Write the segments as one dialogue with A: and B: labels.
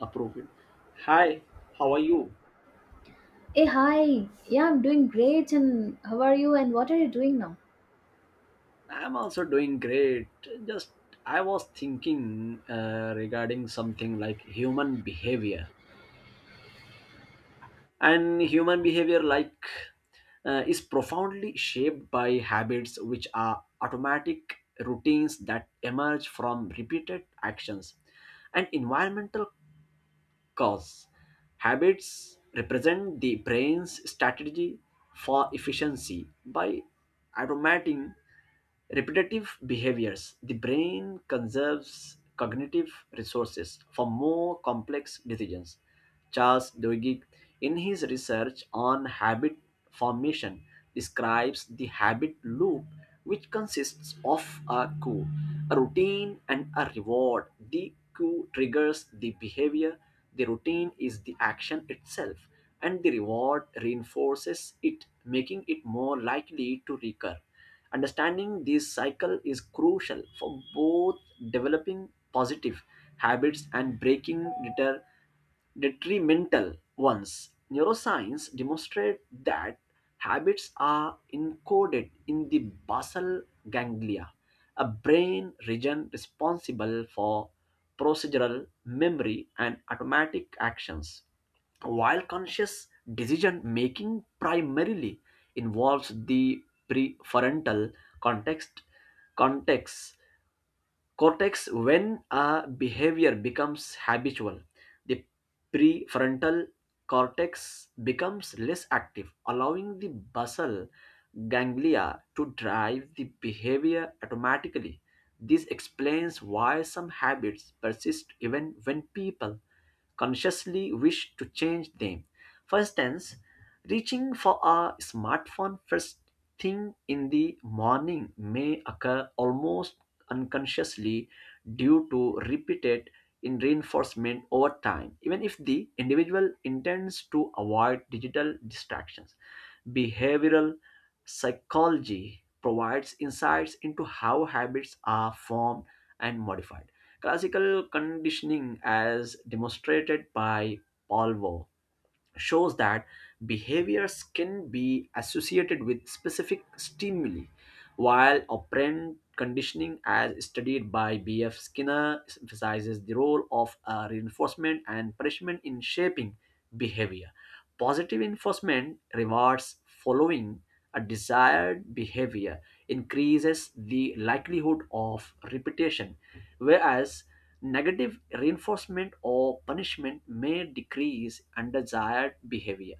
A: Approve him. Hi, how are you?
B: Hey, hi. Yeah, I'm doing great. And how are you? And what are you doing now?
A: I'm also doing great. Just I was thinking regarding something like human behavior, and human behavior like is profoundly shaped by habits, which are automatic routines that emerge from repeated actions and environmental cause. Habits represent the brain's strategy for efficiency. By automating repetitive behaviors, the brain conserves cognitive resources for more complex decisions. Charles Duhigg, in his research on habit formation, describes the habit loop, which consists of a cue, a routine, and a reward. The cue triggers the behavior, the routine is the action itself, and the reward reinforces it, making it more likely to recur. Understanding this cycle is crucial for both developing positive habits and breaking detrimental ones. Neuroscience demonstrate that habits are encoded in the basal ganglia, a brain region responsible for procedural memory and automatic actions, while conscious decision making primarily involves the prefrontal context context cortex. When a behavior becomes habitual, the prefrontal cortex becomes less active, allowing the basal ganglia to drive the behavior automatically. This explains why some habits persist even when people consciously wish to change them. For instance, reaching for a smartphone first thing in the morning may occur almost unconsciously due to repeated in reinforcement over time, even if the individual intends to avoid digital distractions. Behavioral psychology provides insights into how habits are formed and modified. Classical conditioning, as demonstrated by Pavlov, shows that behaviors can be associated with specific stimuli, while operant conditioning, as studied by B.F. Skinner, emphasizes the role of reinforcement and punishment in shaping behavior. Positive reinforcement rewards following a desired behavior increases the likelihood of repetition, whereas negative reinforcement or punishment may decrease undesired behavior.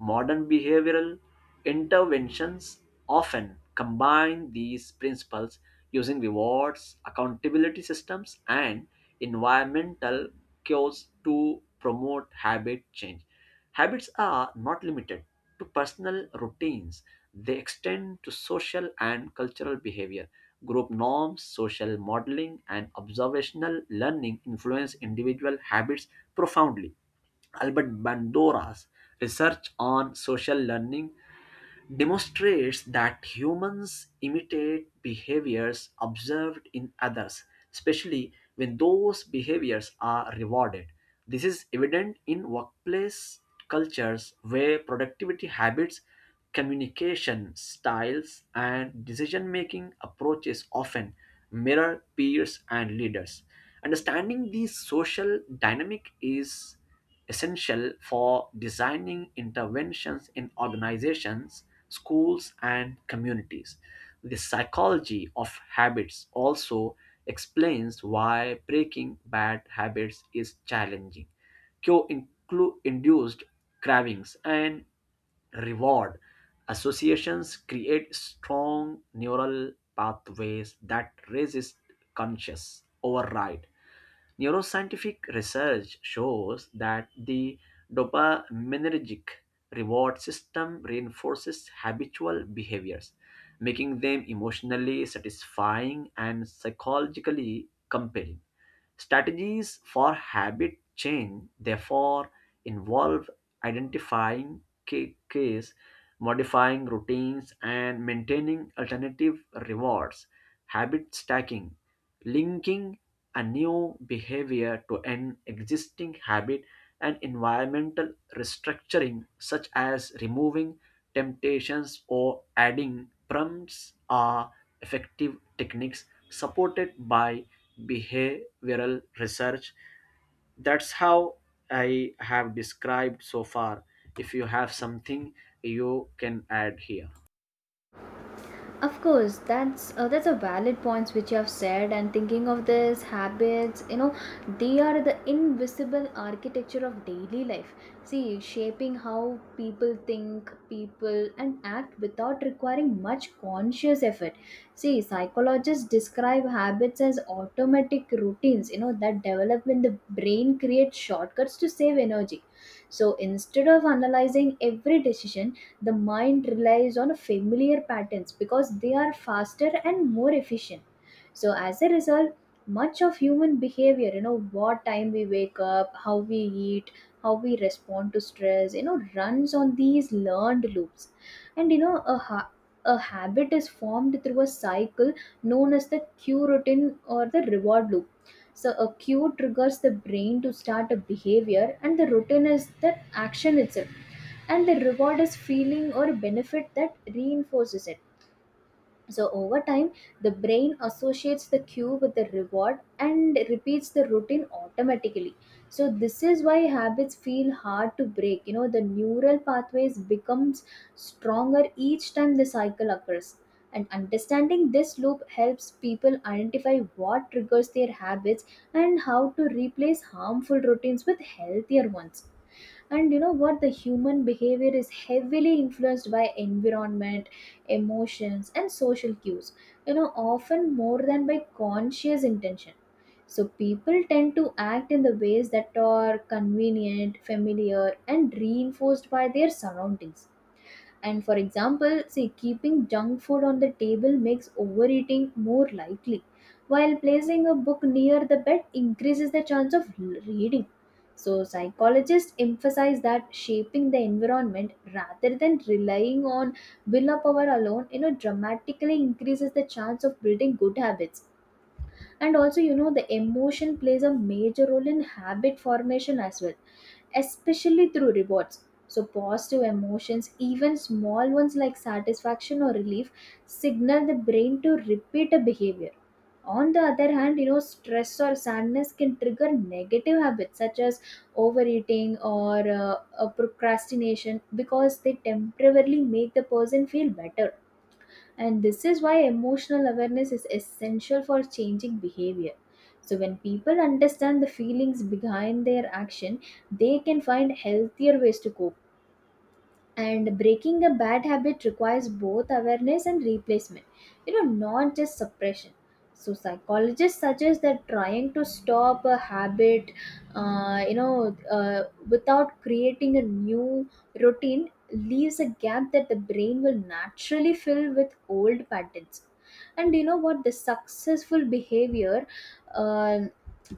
A: Modern behavioral interventions often combine these principles, using rewards, accountability systems, and environmental cues to promote habit change. Habits are not limited to personal routines, they extend to social and cultural behavior. Group norms, social modeling, and observational learning influence individual habits profoundly. Albert Bandura's research on social learning demonstrates that humans imitate behaviors observed in others, especially when those behaviors are rewarded. This is evident in workplace cultures where productivity habits, communication styles, and decision making approaches often mirror peers and leaders. Understanding the social dynamic is essential for designing interventions in organizations, schools, and communities. The psychology of habits also explains why breaking bad habits is challenging. Cue induced cravings and reward associations create strong neural pathways that resist conscious override. Neuroscientific research shows that the dopaminergic reward system reinforces habitual behaviors, making them emotionally satisfying and psychologically compelling. Strategies for habit change, therefore, involve identifying case, modifying routines, and maintaining alternative rewards. Habit stacking, linking a new behavior to an existing habit, and environmental restructuring such as removing temptations or adding prompts, are effective techniques supported by behavioral research. That's how I have described so far. If you have something, you can add here.
B: Of course, that's a valid points which you have said. And thinking of this habits, you know, they are the invisible architecture of daily life. See, shaping how people think, people, and act without requiring much conscious effort. See, psychologists describe habits as automatic routines. You know that develop when the brain creates shortcuts to save energy. So instead of analyzing every decision, the mind relies on familiar patterns because they are faster and more efficient. So as a result, much of human behavior, you know, what time we wake up, how we eat, how we respond to stress, you know, runs on these learned loops. And you know, a habit is formed through a cycle known as the cue routine or the reward loop. So a cue triggers the brain to start a behavior, and the routine is the action itself, and the reward is feeling or benefit that reinforces it. So, over time, the brain associates the cue with the reward and repeats the routine automatically. So, this is why habits feel hard to break. You know, the neural pathways becomes stronger each time the cycle occurs. And understanding this loop helps people identify what triggers their habits and how to replace harmful routines with healthier ones. And you know what, the human behavior is heavily influenced by environment, emotions, and social cues, you know, often more than by conscious intention. So people tend to act in the ways that are convenient, familiar, and reinforced by their surroundings. And for example, see, keeping junk food on the table makes overeating more likely, while placing a book near the bed increases the chance of reading. So, psychologists emphasize that shaping the environment rather than relying on willpower alone, you know, dramatically increases the chance of building good habits. And also, you know, the emotion plays a major role in habit formation as well, especially through rewards. So positive emotions, even small ones like satisfaction or relief, signal the brain to repeat a behavior. On the other hand, you know, stress or sadness can trigger negative habits such as overeating or procrastination because they temporarily make the person feel better. And this is why emotional awareness is essential for changing behavior. So, when people understand the feelings behind their action, they can find healthier ways to cope. And breaking a bad habit requires both awareness and replacement, you know, not just suppression. So psychologists suggest that trying to stop a habit, you know, without creating a new routine leaves a gap that the brain will naturally fill with old patterns. And you know what, the successful behavior, uh,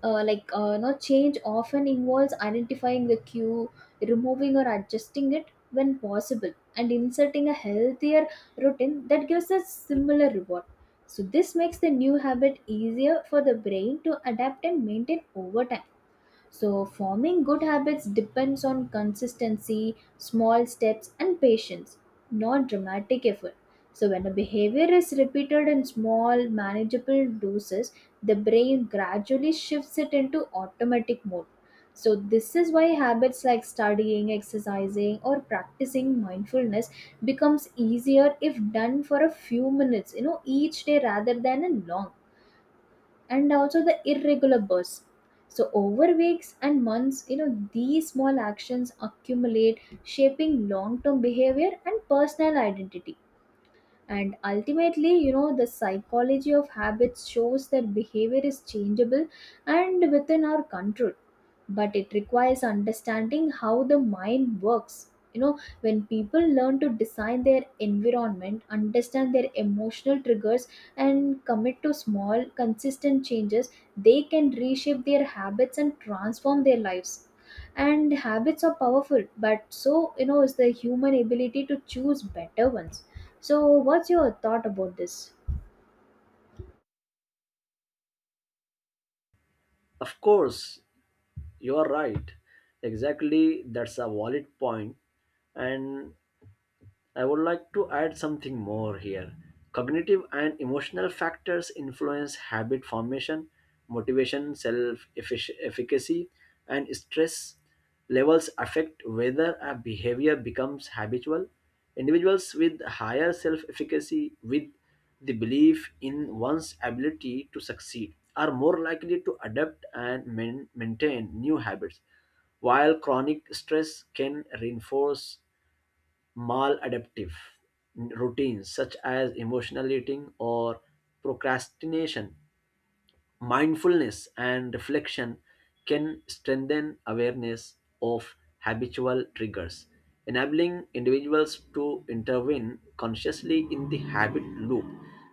B: no change, often involves identifying the cue, removing or adjusting it when possible, and inserting a healthier routine that gives a similar reward. So, this makes the new habit easier for the brain to adapt and maintain over time. So, forming good habits depends on consistency, small steps, and patience, not dramatic effort. So, when a behavior is repeated in small, manageable doses, the brain gradually shifts it into automatic mode. So, this is why habits like studying, exercising, or practicing mindfulness becomes easier if done for a few minutes, you know, each day rather than a long and also the irregular bursts. So, over weeks and months, you know, these small actions accumulate, shaping long term behavior and personal identity. And ultimately, you know, the psychology of habits shows that behavior is changeable and within our control, but it requires understanding how the mind works. You know, when people learn to design their environment, understand their emotional triggers, and commit to small consistent changes, they can reshape their habits and transform their lives. And habits are powerful, but so, you know, is the human ability to choose better ones. So, what's your thought about this?
A: Of course, you are right. Exactly, that's a valid point. And I would like to add something more here. Cognitive and emotional factors influence habit formation. Motivation, self efficacy, and stress levels affect whether a behavior becomes habitual. Individuals with higher self efficacy, with the belief in one's ability to succeed, are more likely to adapt and maintain new habits, while chronic stress can reinforce maladaptive routines such as emotional eating or procrastination. Mindfulness and reflection can strengthen awareness of habitual triggers, enabling individuals to intervene consciously in the habit loop.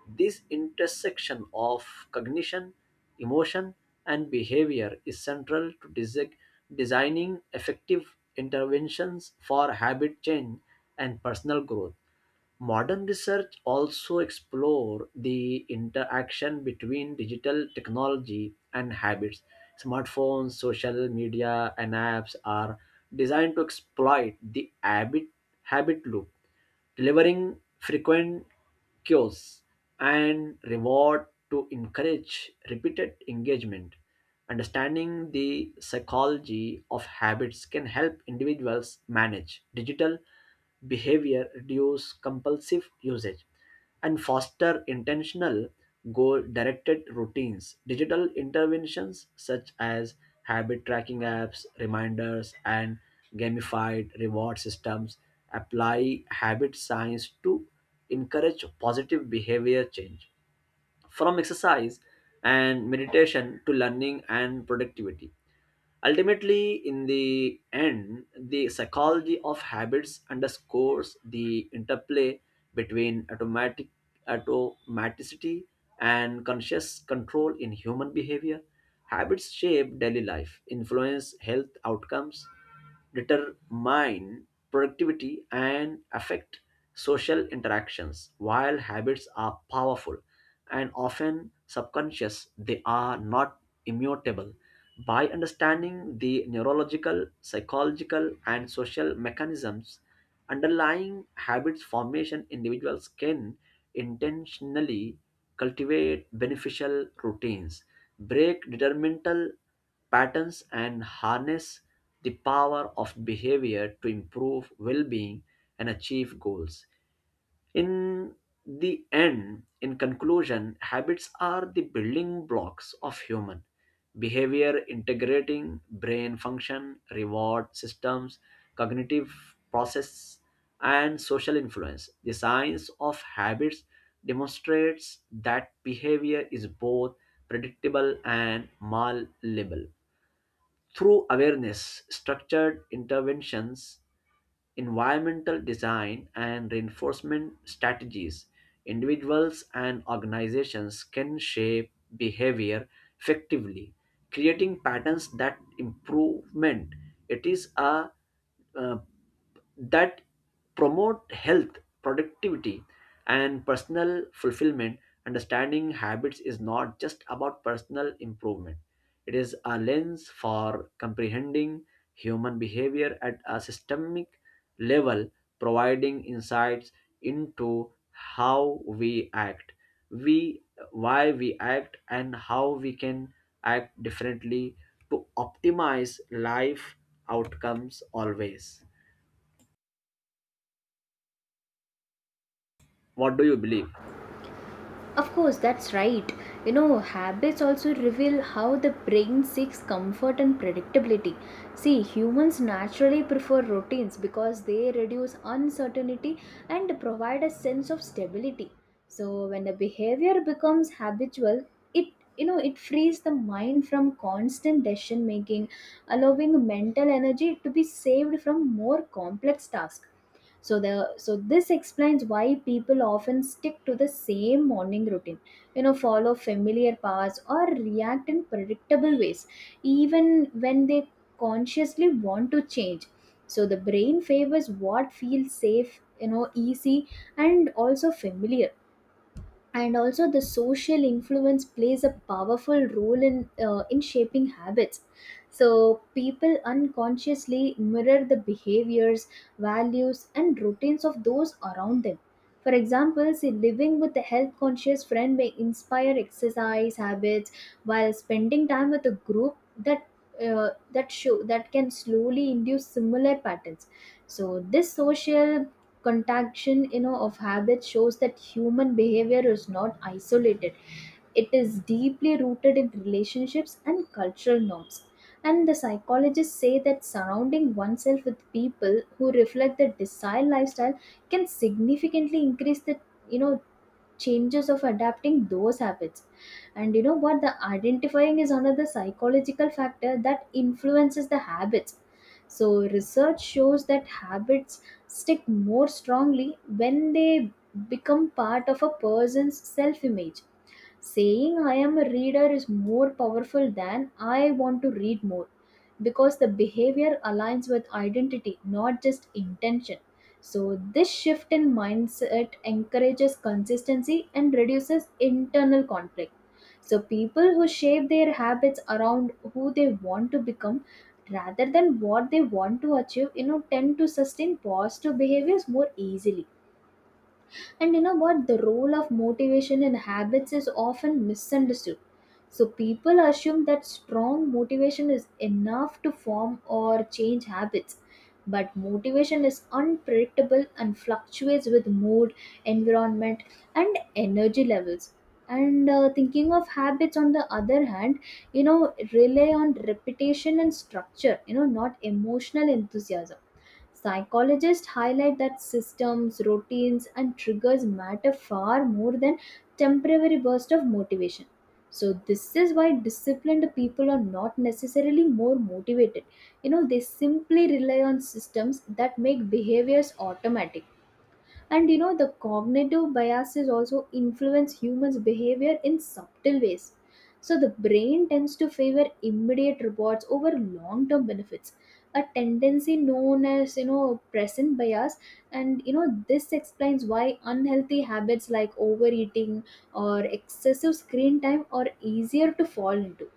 A: This intersection of cognition, emotion, and behavior is central to designing effective interventions for habit change and personal growth. Modern research also explore the interaction between digital technology and habits. Smartphones, social media, and apps are designed to exploit the habit loop, delivering frequent cues and reward to encourage repeated engagement. Understanding the psychology of habits can help individuals manage digital behavior, reduce compulsive usage, and foster intentional, goal directed routines. Digital interventions such as habit tracking apps, reminders, and gamified reward systems apply habit science to encourage positive behavior change, from exercise and meditation to learning and productivity. Ultimately, in the end, the psychology of habits underscores the interplay between automaticity and conscious control in human behavior. Habits shape daily life, influence health outcomes, determine productivity, and affect social interactions. While habits are powerful and often subconscious, they are not immutable. By understanding the neurological, psychological, and social mechanisms underlying habits formation, individuals can intentionally cultivate beneficial routines, break detrimental patterns, and harness the power of behavior to improve well being and achieve goals. In the end, in conclusion, habits are the building blocks of human behavior, integrating brain function, reward systems, cognitive process, and social influence. The science of habits demonstrates that behavior is both predictable and malleable. Through awareness, structured interventions, environmental design, and reinforcement strategies, individuals and organizations can shape behavior effectively, creating patterns that improvement. It is a uh, that promote health, productivity, and personal fulfillment. Understanding habits is not just about personal improvement, it is a lens for comprehending human behavior at a systemic level, providing insights into how we act, we why we act, and how we can act differently to optimize life outcomes always. What do you believe?
B: Of course, that's right. You know, habits also reveal how the brain seeks comfort and predictability. See, humans naturally prefer routines because they reduce uncertainty and provide a sense of stability. So, when a behavior becomes habitual, it you know, it frees the mind from constant decision making, allowing mental energy to be saved from more complex tasks. So this explains why people often stick to the same morning routine, you know, follow familiar paths or react in predictable ways even when they consciously want to change. So the brain favors what feels safe, you know, easy and also familiar. And also the social influence plays a powerful role in shaping habits. So people unconsciously mirror the behaviors, values, and routines of those around them. For example, say living with a health conscious friend may inspire exercise habits, while spending time with a group that that show that can slowly induce similar patterns. So this social contagion, you know, of habits shows that human behavior is not isolated. It is deeply rooted in relationships and cultural norms. And the psychologists say that surrounding oneself with people who reflect the desired lifestyle can significantly increase the, you know, changes of adapting those habits. And you know what, the identifying is another psychological factor that influences the habits. So research shows that habits stick more strongly when they become part of a person's self image. Saying I am a reader is more powerful than I want to read more because the behavior aligns with identity, not just intention. So, this shift in mindset encourages consistency and reduces internal conflict. So, people who shape their habits around who they want to become rather than what they want to achieve, you know, tend to sustain positive behaviors more easily. And you know what? The role of motivation in habits is often misunderstood. So people assume that strong motivation is enough to form or change habits. But motivation is unpredictable and fluctuates with mood, environment, and energy levels. And thinking of habits, on the other hand, you know, rely on repetition and structure, you know, not emotional enthusiasm. Psychologists highlight that systems, routines, and triggers matter far more than temporary bursts of motivation. So, this is why disciplined people are not necessarily more motivated. You know, they simply rely on systems that make behaviors automatic. And you know, the cognitive biases also influence humans behavior in subtle ways. So the brain tends to favor immediate rewards over long term benefits, a tendency known as, you know, present bias. And you know, this explains why unhealthy habits like overeating or excessive screen time are easier to fall into.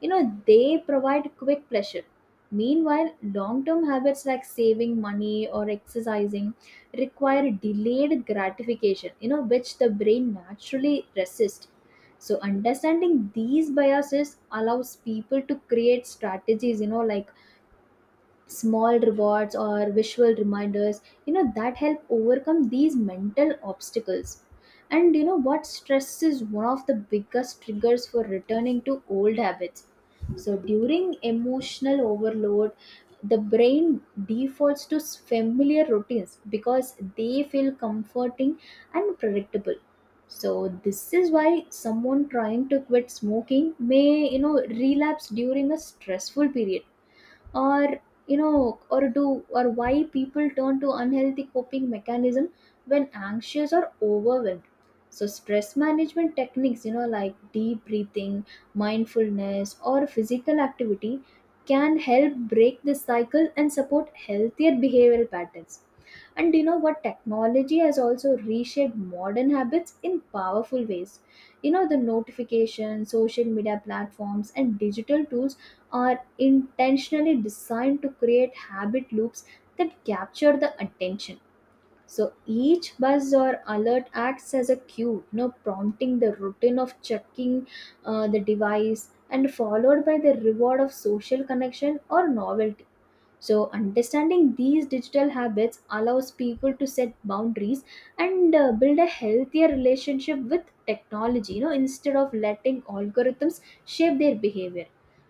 B: You know, they provide quick pleasure. Meanwhile, long-term habits like saving money or exercising require delayed gratification, you know, which the brain naturally resists. So understanding these biases allows people to create strategies, you know, like small rewards or visual reminders, you know, that help overcome these mental obstacles. And you know what, stress is one of the biggest triggers for returning to old habits. So during emotional overload, the brain defaults to familiar routines because they feel comforting and predictable. So this is why someone trying to quit smoking may, you know, relapse during a stressful period, or you know or do or why people turn to unhealthy coping mechanism when anxious or overwhelmed. So stress management techniques, you know, like deep breathing, mindfulness, or physical activity can help break this cycle and support healthier behavioral patterns. And do you know what, technology has also reshaped modern habits in powerful ways. You know, the notifications, social media platforms, and digital tools are intentionally designed to create habit loops that capture the attention. So each buzz or alert acts as a cue, you know, prompting the routine of checking the device and followed by the reward of social connection or novelty. So, understanding these digital habits allows people to set boundaries and build a healthier relationship with technology, you know, instead of letting algorithms shape their behavior.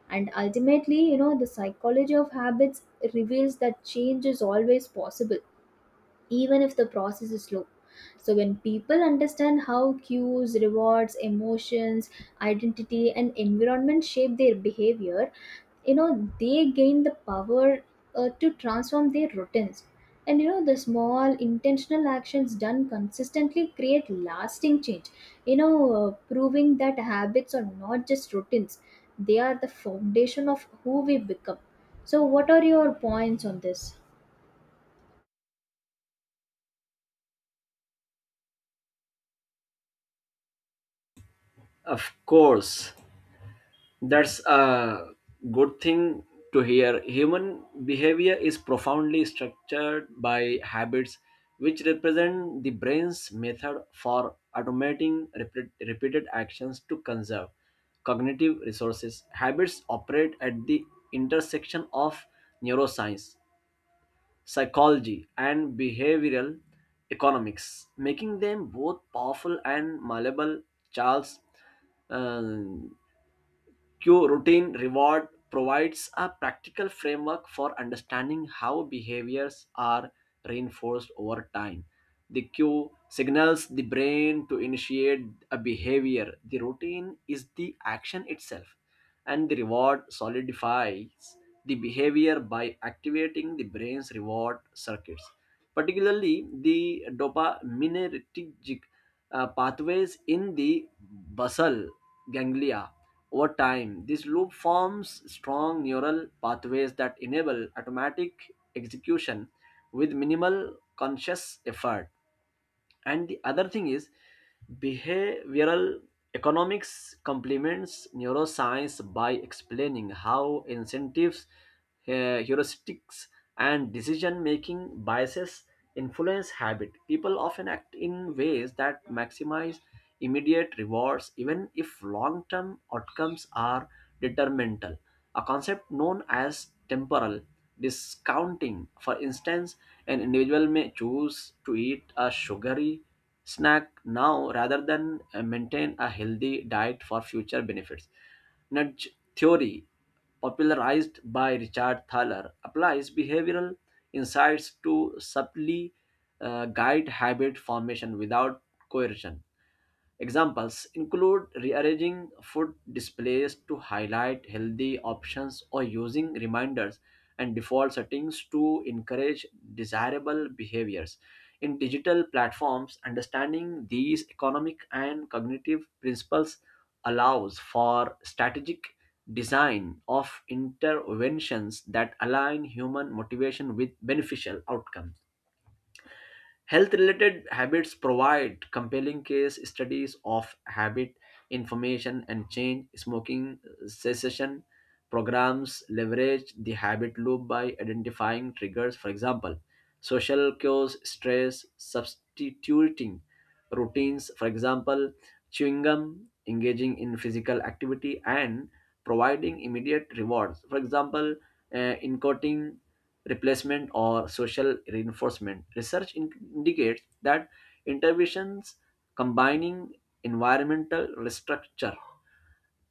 B: And ultimately, you know, the psychology of habits reveals that change is always possible, even if the process is slow. So, when people understand how cues, rewards, emotions, identity, and environment shape their behavior, you know, they gain the power to transform their routines. And you know, the small intentional actions done consistently create lasting change, you know, proving that habits are not just routines, they are the foundation of who we become. So what are your points on this?
A: Of course, that's a good thing to hear. Human behavior is profoundly structured by habits, which represent the brain's method for automating repeated actions to conserve cognitive resources. Habits operate at the intersection of neuroscience, psychology, and behavioral economics, making them both powerful and malleable. Charles uh, Q routine reward provides a practical framework for understanding how behaviors are reinforced over time. The cue signals the brain to initiate a behavior. The routine is the action itself, and the reward solidifies the behavior by activating the brain's reward circuits, particularly the dopaminergic pathways in the basal ganglia. Over time, this loop forms strong neural pathways that enable automatic execution with minimal conscious effort. And the other thing is, behavioral economics complements neuroscience by explaining how incentives, heuristics, and decision making biases influence habit. People often act in ways that maximize immediate rewards, even if long term outcomes are detrimental, a concept known as temporal discounting. For instance, an individual may choose to eat a sugary snack now rather than maintain a healthy diet for future benefits. Nudge theory, popularized by Richard Thaler, applies behavioral insights to subtly guide habit formation without coercion. Examples include rearranging food displays to highlight healthy options, or using reminders and default settings to encourage desirable behaviors. In digital platforms, understanding these economic and cognitive principles allows for strategic design of interventions that align human motivation with beneficial outcomes. Health related habits provide compelling case studies of habit information and change. Smoking cessation programs leverage the habit loop by identifying triggers, for example, social cues, stress, substituting routines, for example, chewing gum, engaging in physical activity, and providing immediate rewards, for example, incoting replacement or social reinforcement. Indicates that interventions combining environmental restructure,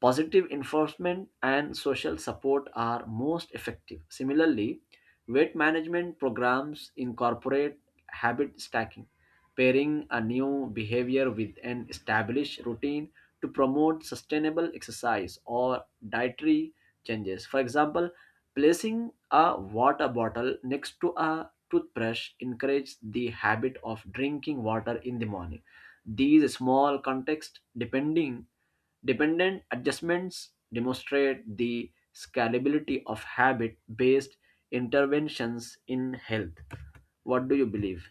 A: positive enforcement, and social support are most effective. Similarly, weight management programs incorporate habit stacking, pairing a new behavior with an established routine, to promote sustainable exercise or dietary changes. For example, placing a water bottle next to a toothbrush encourages the habit of drinking water in the morning. These small context depending dependent adjustments demonstrate the scalability of habit based interventions in health. What do you believe?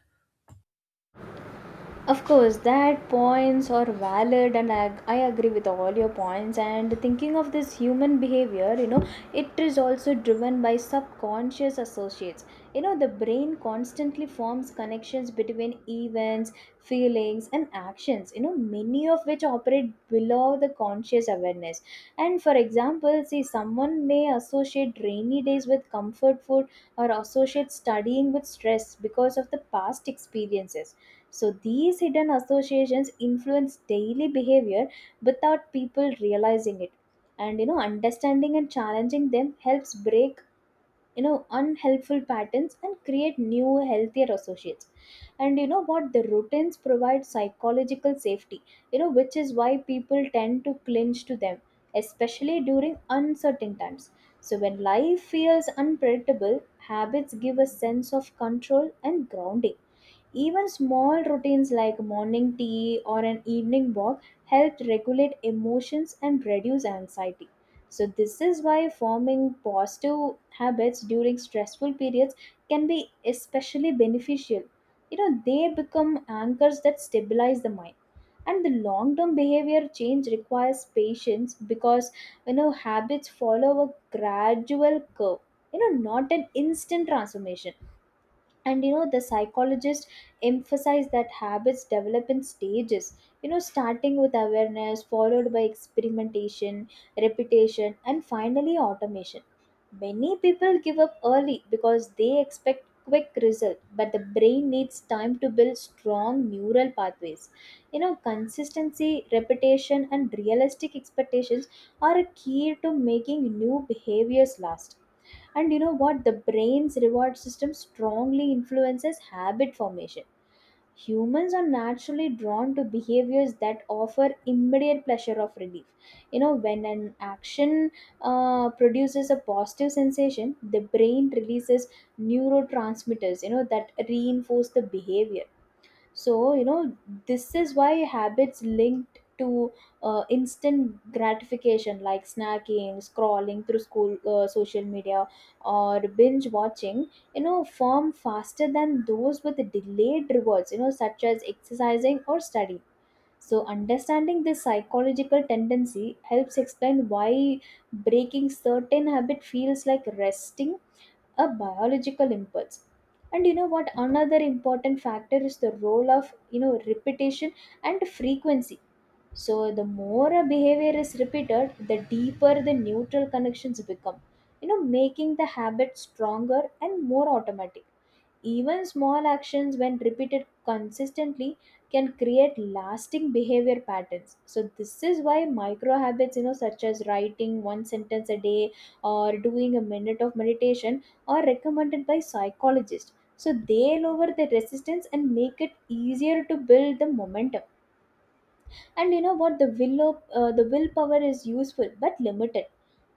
B: Of course, that points are valid, and I agree with all your points. And thinking of this human behavior, you know, it is also driven by subconscious associates. You know, the brain constantly forms connections between events, feelings, and actions, you know, many of which operate below the conscious awareness. And for example, see, someone may associate rainy days with comfort food or associate studying with stress because of the past experiences. So these hidden associations influence daily behavior without people realizing it. And you know, understanding and challenging them helps break, you know, unhelpful patterns and create new healthier associates. And you know what, the routines provide psychological safety, you know, which is why people tend to clinch to them, especially during uncertain times. So when life feels unpredictable, habits give a sense of control and grounding. Even small routines like morning tea or an evening walk help regulate emotions and reduce anxiety. So, this is why forming positive habits during stressful periods can be especially beneficial. You know, they become anchors that stabilize the mind. And the long term behavior change requires patience because, you know, habits follow a gradual curve, you know, not an instant transformation. And you know, the psychologists emphasize that habits develop in stages, you know, starting with awareness, followed by experimentation, repetition, and finally automation. Many people give up early because they expect quick result, but the brain needs time to build strong neural pathways. You know, consistency, repetition, and realistic expectations are a key to making new behaviors last. And you know what? The brain's reward system strongly influences habit formation. Humans are naturally drawn to behaviors that offer immediate pleasure of relief. You know, when an action produces a positive sensation, the brain releases neurotransmitters, you know, that reinforce the behavior. So, you know, this is why habits linked to instant gratification like snacking, scrolling through school social media or binge watching, you know, form faster than those with delayed rewards, you know, such as exercising or study. So, understanding this psychological tendency helps explain why breaking certain habit feels like resting a biological impulse. And you know what, another important factor is the role of, you know, repetition and frequency. So the more a behavior is repeated, the deeper the neutral connections become, you know, making the habit stronger and more automatic. Even small actions, when repeated consistently, can create lasting behavior patterns. So this is why micro habits, you know, such as writing one sentence a day or doing a minute of meditation, are recommended by psychologists. So they lower the resistance and make it easier to build the momentum. And you know what? The willpower is useful but limited,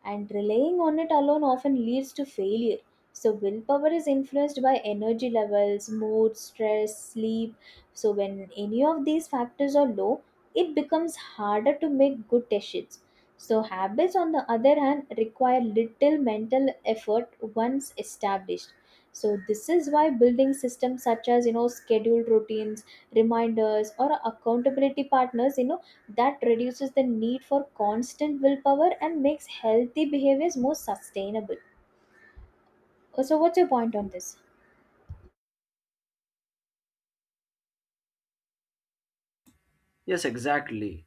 B: and relying on it alone often leads to failure. So, willpower is influenced by energy levels, mood, stress, sleep. So, when any of these factors are low, it becomes harder to make good decisions. So, habits, on the other hand, require little mental effort once established. So, this is why building systems such as, you know, scheduled routines, reminders, or accountability partners, you know, that reduces the need for constant willpower and makes healthy behaviors more sustainable. So what's your point on this?
A: Yes, exactly.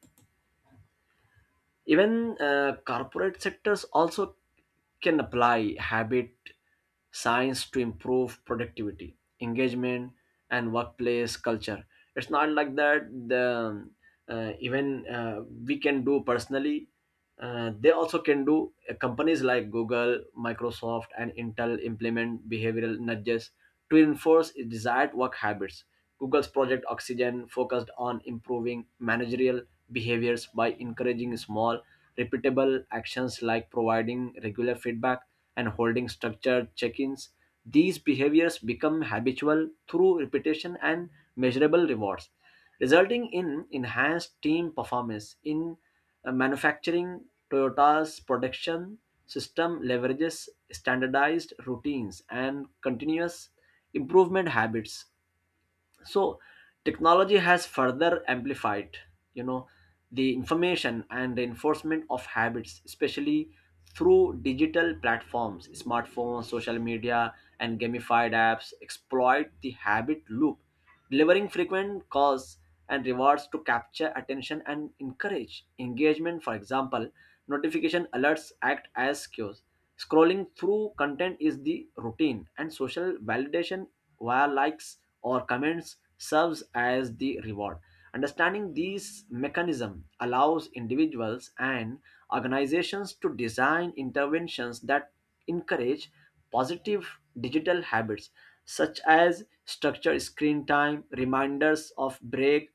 A: Even corporate sectors also can apply habit science to improve productivity, engagement, and workplace culture. It's not like that. The um, even We can do personally. They also can do. Companies like Google, Microsoft, and Intel implement behavioral nudges to enforce desired work habits. Google's Project Oxygen focused on improving managerial behaviors by encouraging small, repeatable actions like providing regular feedback and holding structured check-ins. These behaviors become habitual through repetition and measurable rewards, resulting in enhanced team performance. In manufacturing, Toyota's production system leverages standardized routines and continuous improvement habits. So technology has further amplified, you know, the information and reinforcement of habits, especially through digital platforms. Smartphones, social media, and gamified apps exploit the habit loop, delivering frequent calls and rewards to capture attention and encourage engagement. For example, notification alerts act as cues, scrolling through content is the routine, and social validation via likes or comments serves as the reward. Understanding these mechanisms allows individuals and organizations to design interventions that encourage positive digital habits, such as structured screen time, reminders of break,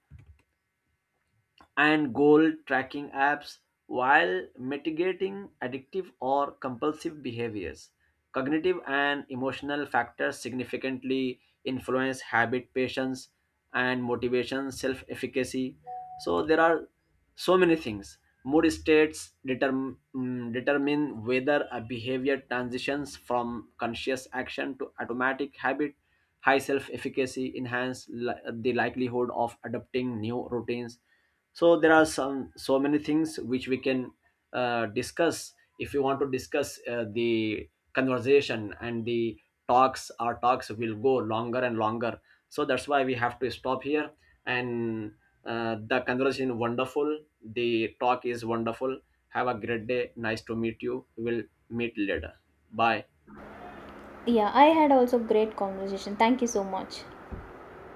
A: and goal tracking apps, while mitigating addictive or compulsive behaviors. Cognitive and emotional factors significantly influence habit, patience, and motivation, self efficacy. So, there are so many things. Mood states determ- mm, determine whether a behavior transitions from conscious action to automatic habit. High self efficacy the likelihood of adopting new routines. So there are some so many things which we can discuss. If you want to discuss the conversation and the talks, our talks will go longer and longer. So that's why we have to stop here. And the conversation is wonderful, the talk is wonderful. Have a great day. Nice to meet you. We'll meet later. Bye.
B: Yeah, I had also great conversation. Thank you so much.